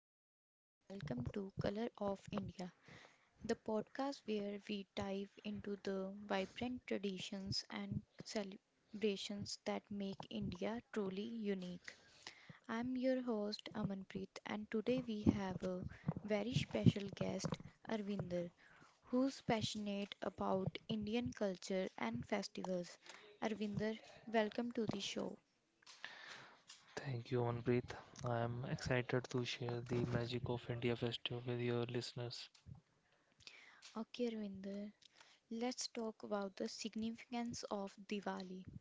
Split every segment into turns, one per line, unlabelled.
namaste, and welcome to Color of India, the podcast where we dive into the vibrant traditions and celebrations that make India truly unique. I'm your host Amanpreet, and today we have a very special guest, Arvinder, who's passionate about Indian culture and festivals. Arvinder, welcome to the show.
Thank you, Manpreet. I am excited to share the magic of India Festival with your listeners.
Okay, Arvinder, let's talk about the significance of Diwali.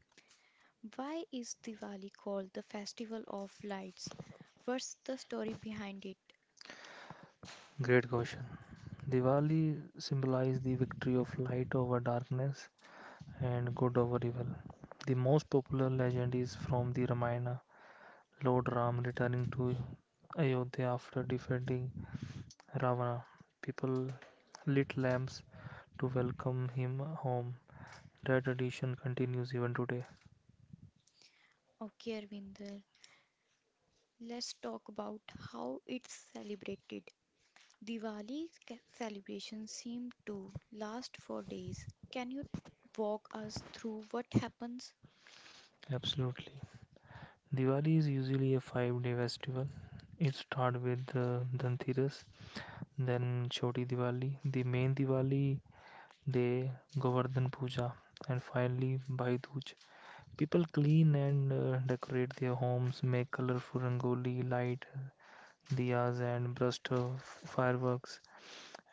Why is Diwali called the Festival of Lights? What's the story behind it?
Great question. Diwali symbolizes the victory of light over darkness and good over evil. The most popular legend is from the Ramayana, Lord Ram returning to Ayodhya after defeating Ravana. People lit lamps to welcome him home. That tradition continues even today.
Okay, Arvinder, let's talk about how it's celebrated. Celebrations seem to last for days. Can you walk us through what happens?
Absolutely. Diwali is usually a 5 day festival. It starts with Dhanteras, then Choti Diwali, the main Diwali day, Govardhan Puja, and finally Bhai Dooj. People clean and decorate their homes, make colorful rangoli, light diyas, and burst of fireworks.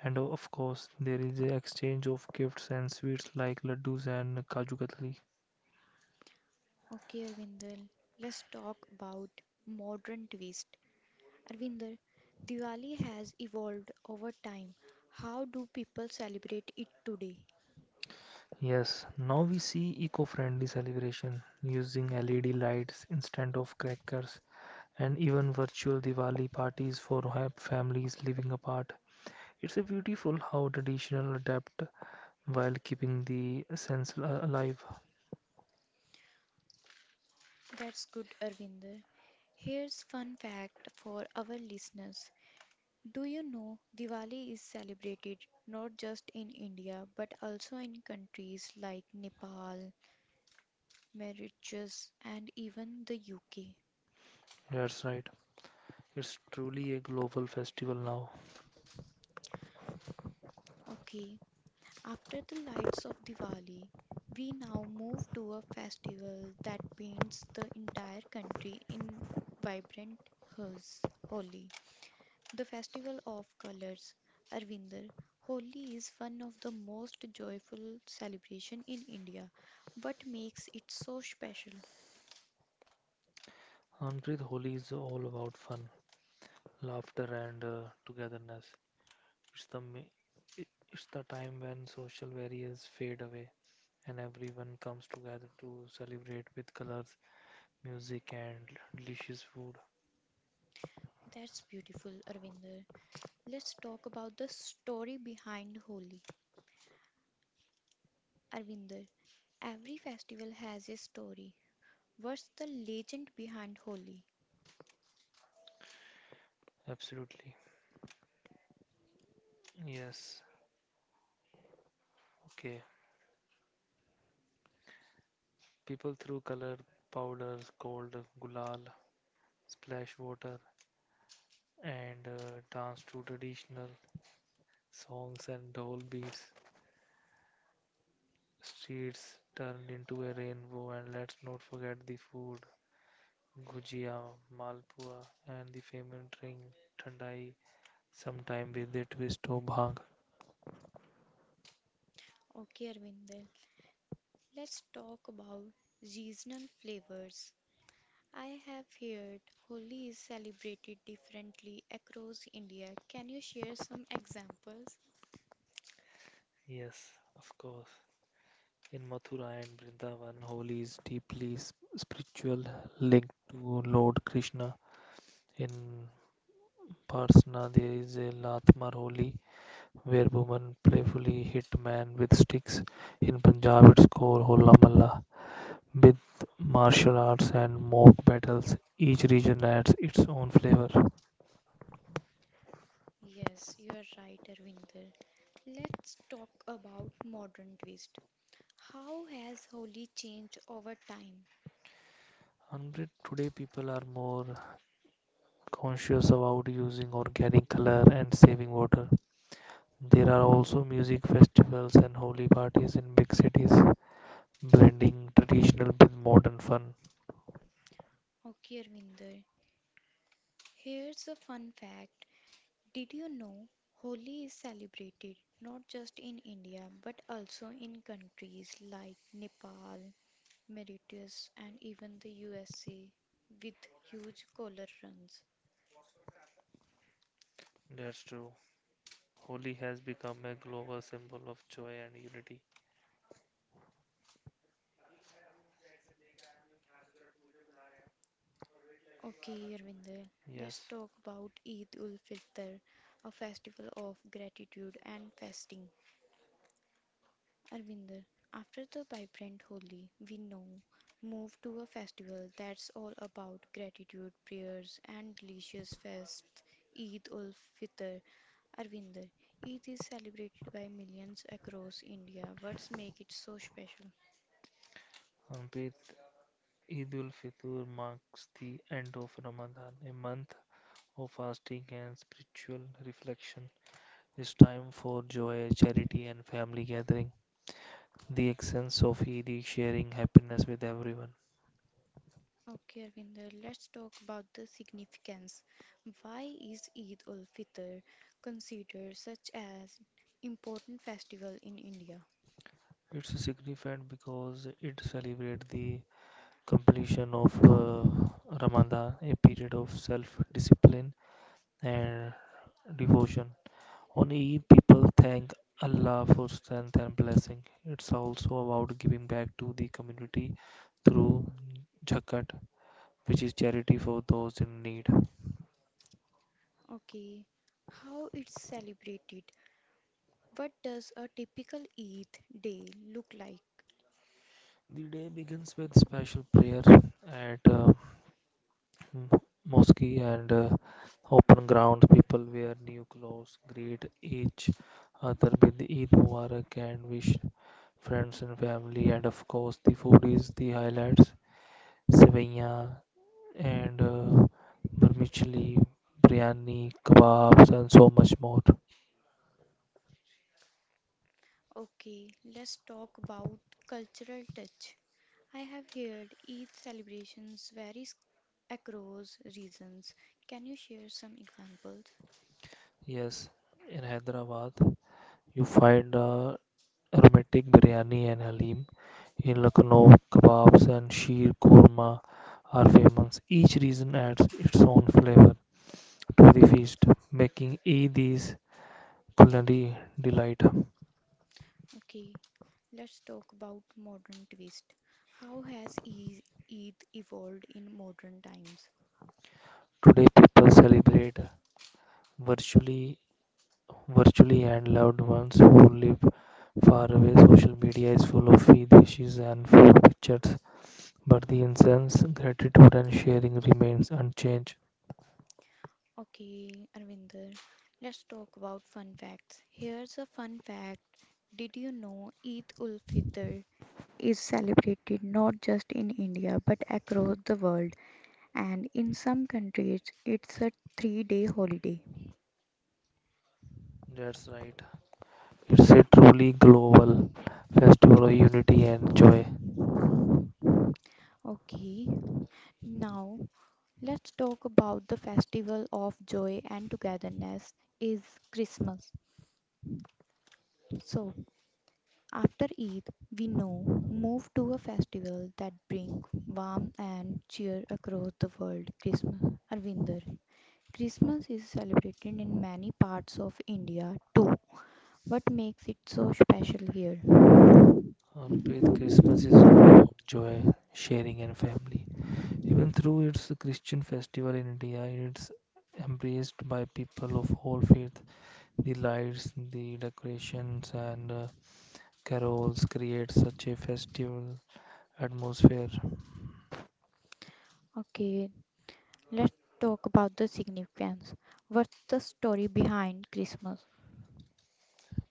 And of course, there is an exchange of gifts and sweets like laddus and kaju katli.
Okay, Arvinder, let's talk about modern twist. Arvinder, Diwali has evolved over time. How do people celebrate it today?
Yes, now we see eco-friendly celebration using LED lights instead of crackers and even virtual Diwali parties for families living apart. It's a beautiful how traditional adapt while keeping the essence alive.
That's good, Arvinder. Here's fun fact for our listeners. Do you know Diwali is celebrated not just in India but also in countries like Nepal, Mauritius, and even the UK?
That's right. It's truly a global festival now.
Okay, after the lights of Diwali, we now move to a festival that paints the entire country in vibrant hues, Holi. The festival of colors, Arvinder, Holi is one of the most joyful celebration in India. What makes it so special?
Amrit Holi is all about fun, laughter and togetherness. It's the ma- it's the time when social barriers fade away and everyone comes together to celebrate with colors, music, and delicious food.
That's beautiful, Arvinder. Let's talk about the story behind Holi. Arvinder, every festival has a story. What's the legend behind Holi?
Absolutely. Yes. Okay. People threw color powders called gulal, splash water, and danced to traditional songs and dole beats. Streets turned into a rainbow, and let's not forget the food gujia, malpua, and the famous drink thandai, sometime with a twist of bhang.
Okay, Arvinder, let's talk about seasonal flavors. I have heard Holi is celebrated differently across India. Can you share some examples?
Yes, of course. In Mathura and Vrindavan, Holi is deeply spiritual, linked to Lord Krishna. In Parsna, there is a Latmar Holi, where women playfully hit men with sticks. In Punjab, it's called Hola Malla, with martial arts and mock battles. Each region adds its own flavor.
Yes, you are right, Arvinder. Let's talk about modern twist. How has Holi changed over time?
Amrit, today people are more conscious about using organic color and saving water. There are also music festivals and holy parties in big cities, blending traditional with modern fun.
Okay, Arvinder. Here's a fun fact. Did you know Holi is celebrated not just in India but also in countries like Nepal, Mauritius, and even the USA with huge color runs?
That's true. Holi has become a global symbol of joy and unity.
Okay, Irvinder, let's
Yes,
talk about Eid ul Fitr, a festival of gratitude and fasting. Arvinder, after the vibrant Holi, we now move to a festival that's all about gratitude, prayers, and delicious feasts Eid ul Fitr. Arvinder, Eid is celebrated by millions across India. What's make it so special?
Ampit, Eid ul Fitr marks the end of Ramadan, a month of fasting and spiritual reflection. It's time for joy, charity, and family gathering. The essence of Eid is sharing happiness with everyone.
Okay, Arvinder, let's talk about the significance. Why is Eid ul Fitr considered such as important festival in India?
It's significant because it celebrates the completion of Ramadan, a period of self discipline and devotion. On Eid, people thank Allah for strength and blessing. It's also about giving back to the community through zakat, which is charity for those in need.
Okay, how it's celebrated? What does a typical Eid day look like?
The day begins with special prayer at mosque and open ground. People wear new clothes, greet each other with Eid Mubarak and wish friends and family, and of course, the food is the highlights. Sevaiyan and vermicelli, biryani, kebabs, and so much more.
Okay, let's talk about cultural touch. I have heard Eid celebrations varies across regions. Can you share some examples?
Yes, in Hyderabad, you find aromatic biryani and halim. In Lucknow, kebabs and sheer korma are famous. Each region adds its own flavor to the feast, making Eid is culinary delight.
Okay, let's talk about modern twist. How has E- Eid evolved in modern times?
Today, people celebrate virtually virtually and loved ones who live far away. Social media is full of feed wishes and food pictures, but the essence, gratitude, and sharing remains unchanged.
Okay, Arvinder, let's talk about fun facts. Here's a fun fact. Did you know Eid ul Fitr is celebrated not just in India but across the world, and in some countries, it's a 3-day holiday.
That's right. It's a truly global festival of unity and joy.
Okay, now let's talk about the festival of joy and togetherness is Christmas. So, after Eid, we now move to a festival that brings warmth and cheer across the world, Christmas. Arvinder. Christmas is celebrated in many parts of India too. What makes it so special here?
On faith, Christmas is all about joy, sharing, and family. Even through its Christian festival in India, it's embraced by people of all faith. The lights, the decorations, and carols create such a festival atmosphere.
Okay, let's talk about the significance. What's the story behind Christmas?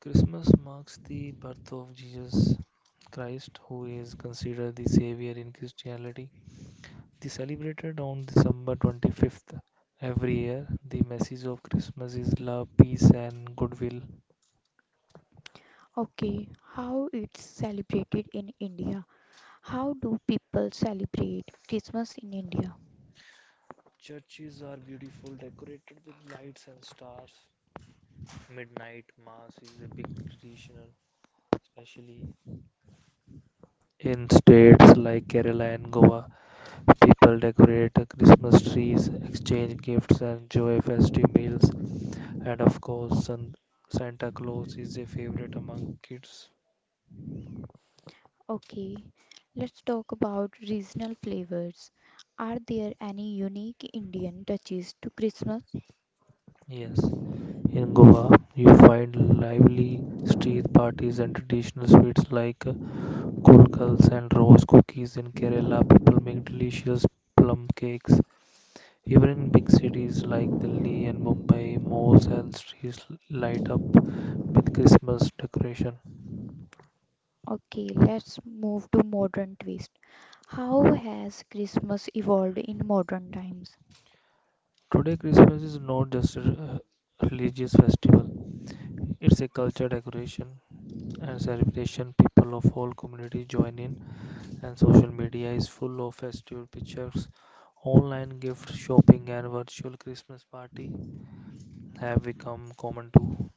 Christmas marks the birth of Jesus Christ, who is considered the Savior in Christianity. They celebrated on December 25th every year. The message of Christmas is love, peace, and goodwill.
Okay, how it's celebrated in India. How do people celebrate Christmas in India?
Churches are beautiful, decorated with lights and stars. Midnight Mass is a big tradition, especially in states like Kerala and Goa. People decorate Christmas trees, exchange gifts, and enjoy festive meals, and of course, Santa Claus is a favorite among kids.
Okay, let's talk about regional flavors. Are there any unique Indian touches to Christmas?
Yes, in Goa, you find lively street parties and traditional sweets like kulkals and rose cookies. In Kerala, people make delicious plum cakes. Even in big cities like Delhi and Mumbai, malls and streets light up with Christmas decoration.
Okay, let's move to modern twist. How has Christmas evolved in modern times?
Today, Christmas is not just a religious festival, it's a culture decoration and celebration. People of all community join in, and social media is full of festival pictures. Online gift shopping and virtual Christmas party have become common too.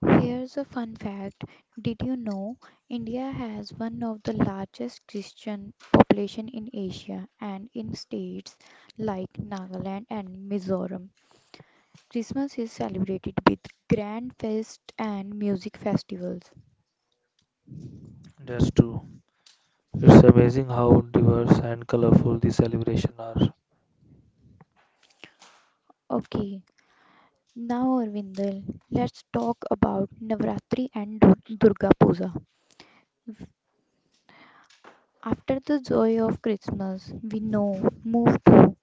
Here's a fun fact. Did you know India has one of the largest Christian population in Asia and in states like Nagaland and Mizoram, Christmas is celebrated with grand feast and music festivals.
That's true. It's amazing how diverse and colorful the celebration are.
Okay, now Arvindal, let's talk about Durga Puja. After the joy of Christmas, we now move to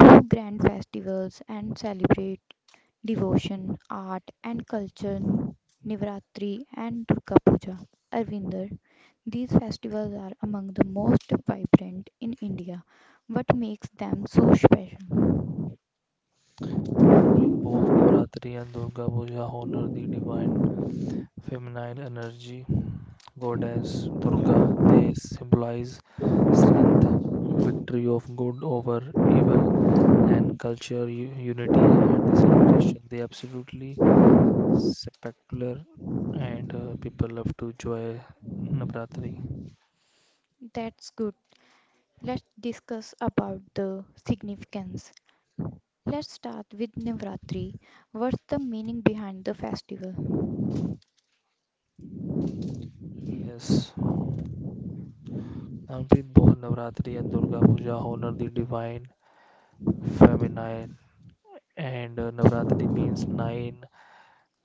two grand festivals and celebrate devotion, art and culture, Navratri and Durga Puja. Arvinder, these festivals are among the most vibrant in India. What makes them so special?
Until both Navratri and Durga Puja honor the divine feminine energy. Goddess Durga, they symbolize strength, victory of good over evil, and culture unity and the celebration. They absolutely spectacular, and people love to enjoy Navratri.
That's good. Let's discuss about the significance. Let's start with Navratri. What's the meaning behind the festival?
Yes, Amrit, both Navratri and Durga Puja honor the divine feminine, and Navratri means nine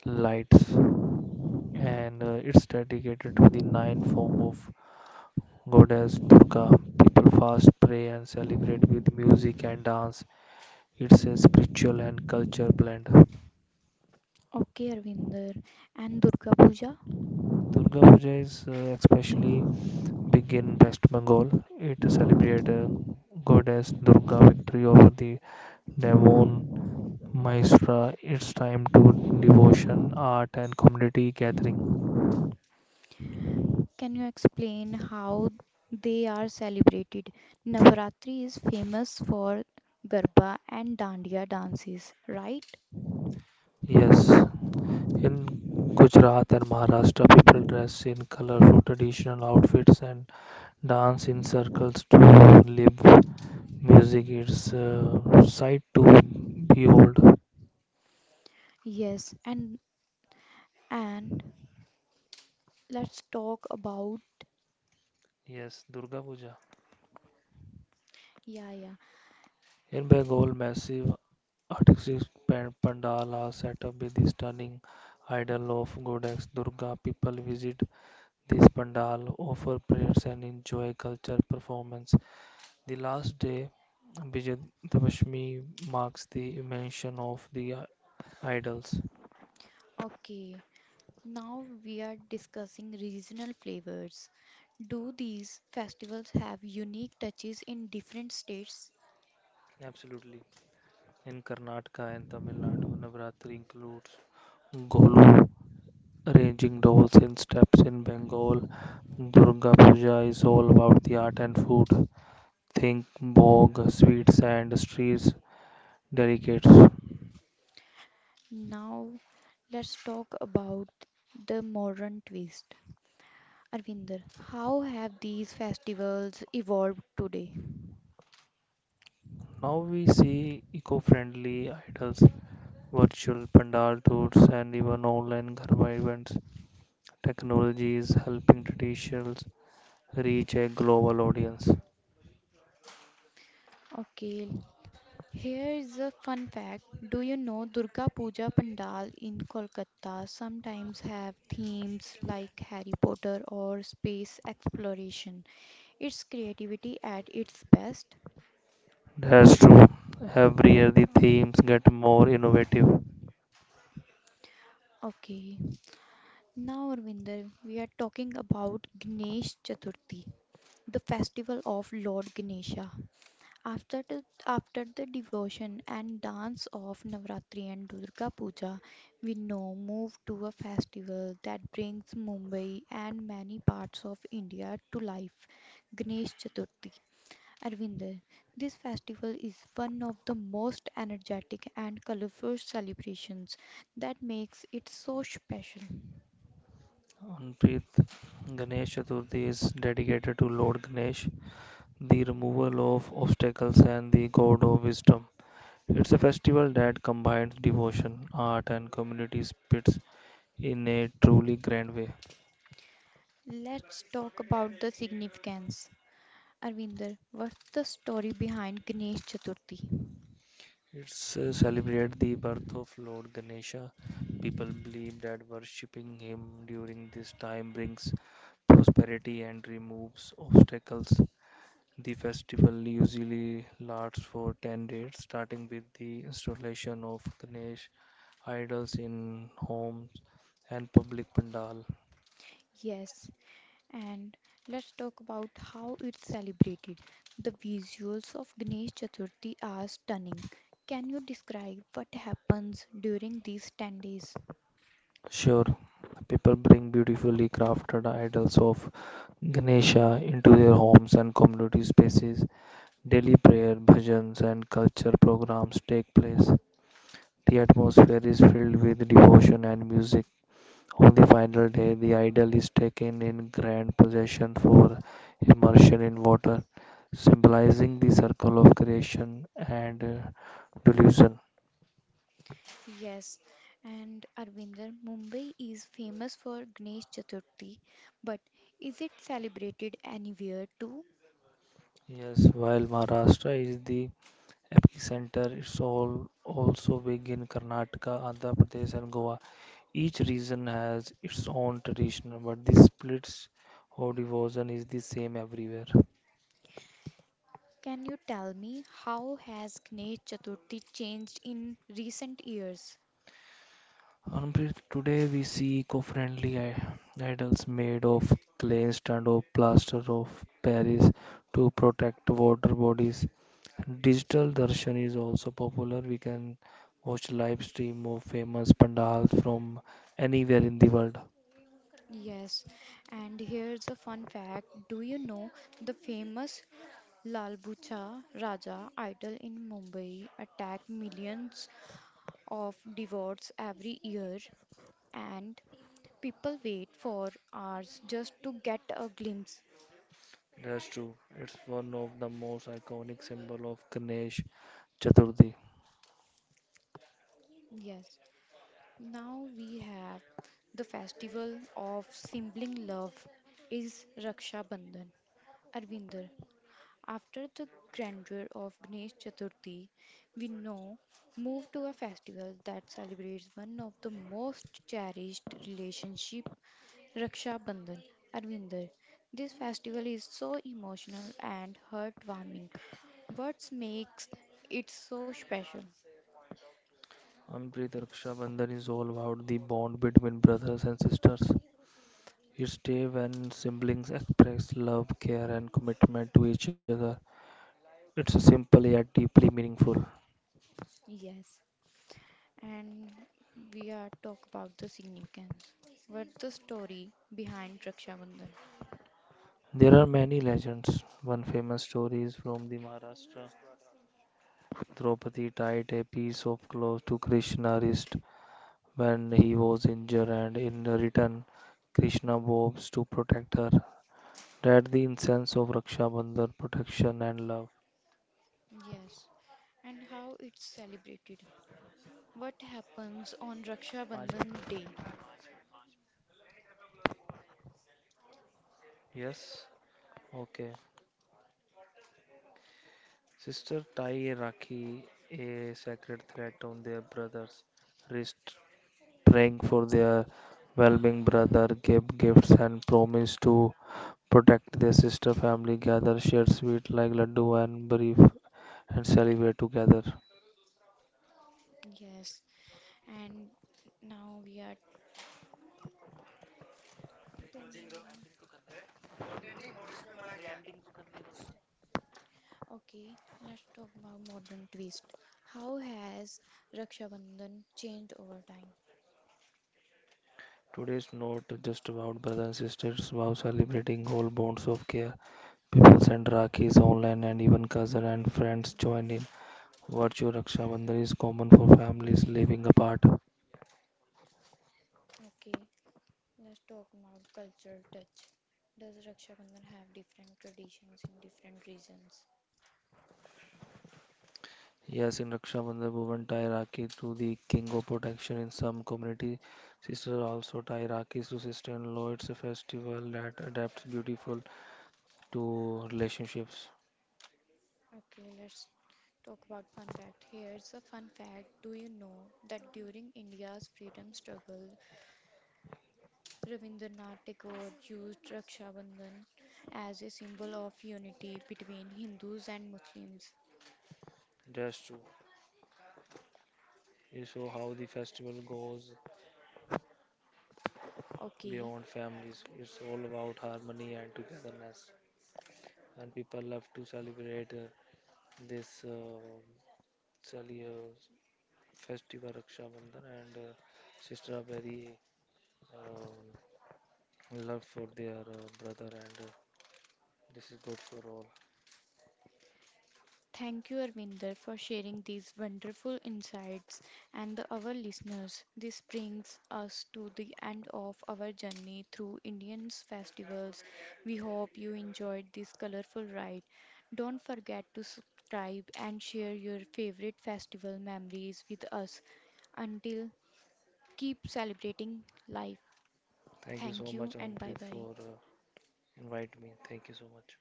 lights, and it's dedicated to the nine form of goddess durga people fast pray and celebrate with music and dance it's a spiritual and culture blend
Okay, Arvinder. And Durga Puja?
durga puja is especially big in west bengal it celebrates goddess durga victory over the demon mahisra it's time to devotion art and community gathering
Can you explain how they are celebrated? Navaratri is famous for Garba and Dandiya dances, right?
yes in Gujarat and Maharashtra people dress in colorful traditional outfits and dance in circles to live music is sight to behold.
Yes, and let's talk about,
Yes, Durga Puja.
yeah, yeah.
In Bengal, massive artistic pandal are set up with the stunning idol of goddess Durga. People visit this pandal, offer prayers, and enjoy cultural performance. The last day, Vijayadashmi, marks the mention of the idols.
Okay. Now we are discussing regional flavors. Do these festivals have unique touches in different states?
Absolutely. In Karnataka and Tamil Nadu, Navratri includes Golu, arranging dolls in steps in Bengal, Durga Puja is all about the art and food. Think bog, sweets, and streets delicates.
Now let's talk about the modern twist. Arvinder, how have these festivals evolved today?
Now we see eco friendly idols, virtual pandal tours, and even online Garba events. Technology is helping traditions reach a global audience.
Okay, here's a fun fact. Do you know Durga Puja Pandal in Kolkata sometimes have themes like Harry Potter or space exploration? It's creativity at its best.
That's true. Every year the themes get more innovative.
Okay, now Arvinder, we are talking about Ganesh Chaturthi, the festival of Lord Ganesha. After the devotion and dance of Navratri and Durga Puja, we now move to a festival that brings Mumbai and many parts of India to life Ganesh Chaturthi. Arvinder, this festival is one of the most energetic and colorful celebrations that makes it so special.
Anpreet, Ganesh Chaturthi is dedicated to Lord Ganesh, the removal of obstacles, and the god of wisdom. It's a festival that combines devotion, art, and community spirits in a truly grand way.
Let's talk about the significance. Arvinder, what's the story behind Ganesh Chaturthi?
It's celebrate the birth of Lord Ganesha. People believe that worshipping him during this time brings prosperity and removes obstacles. The festival usually lasts for 10 days, starting with the installation of Ganesh idols in homes and public pandal.
Yes. And let's talk about how it's celebrated. The visuals of Ganesh Chaturthi are stunning. Can you describe what happens during these 10 days?
Sure, people bring beautifully crafted idols of Ganesha into their homes and community spaces. Daily prayer, bhajans, and culture programs take place. The atmosphere is filled with devotion and music. On the final day, the idol is taken in grand procession for immersion in water, symbolizing the circle of creation and delusion.
Yes, and Arvinder, Mumbai is famous for Ganesh Chaturthi, but is it celebrated anywhere too?
Yes, while Maharashtra is the epicenter is all also big in Karnataka, Andhra Pradesh, and Goa. Each region has its own tradition, but the splits or devotion is the same everywhere.
Can you tell me how has Ganesh Chaturthi changed in recent years?
Anupreet, today we see eco-friendly idols made of clay instead of plaster of Paris to protect water bodies. Digital darshan is also popular. We can watch live stream of famous pandals from anywhere in the world.
Yes, and here's a fun fact. Do you know the famous Lalbucha Raja idol in Mumbai Attack millions of devotees every year and people wait for hours just to get a glimpse.
That's true. It's one of the most iconic symbol of Ganesh Chaturthi.
Yes. Now we have the festival of sibling love is Raksha Bandhan. Arvinder, after the grandeur of Ganesh Chaturthi, we now move to a festival that celebrates one of the most cherished relationship Raksha Bandhan, Arvinder. This festival is so emotional and heartwarming. What makes it so special?
Amrit Raksha Bandhan is all about the bond between brothers and sisters. It's day when siblings express love, care, and commitment to each other. It's simple yet deeply meaningful.
Yes, and we are talk about the significance. What's the story behind Raksha Bandhan?
There are many legends. One famous story is from the Maharashtra. Draupadi tied a piece of cloth to Krishna's wrist when he was injured, and in return, Krishna vows to protect her. That the incense of Raksha Bandhan, protection and love.
Yes, and how it's celebrated. What happens on Raksha Bandhan Day?
Yes, okay. Sister tie a rakhi, a sacred thread on their brother's wrist, praying for their well-being. Brother give gifts and promise to protect their sister. Family gather, share sweet like laddu and brief and celebrate together.
Yes, and now we are, okay, let's talk about modern twist. How has Raksha Bandhan changed over time?
Today's not just about brother and sister; it's about celebrating all bonds of care. People send Rakhis online and even cousins and friends join in. Virtue Raksha Bandhan is common for families living apart.
Okay, let's talk about cultural touch. Does Raksha Bandhan have different traditions in different regions?
Yes, in Raksha Bandhan, women tie Rakhi to the king of protection. In some community, sisters also tie Rakhis to sister-in-law. It's a festival that adapts beautiful to relationships.
Okay, let's talk about fun fact. Here's a fun fact. Do you know that during India's freedom struggle, Rabindranath Tagore used Raksha Bandhan as a symbol of unity between Hindus and Muslims?
That's true. You saw how the festival goes
Okay.
beyond families. It's all about harmony and togetherness. And people love to celebrate this actually a festival Raksha Bandhan and sister are very um, love for their brother and this is good for all.
Thank you, Arvinder, for sharing these wonderful insights and the, our listeners. This brings us to the end of our journey through Indian's festivals. We hope you enjoyed this colorful ride. Don't forget to subscribe and share your favorite festival memories with us. Until keep celebrating life.
Thank you
Thank
so
you
much
and bye
Amprit
bye.
for invite me. Thank you so much.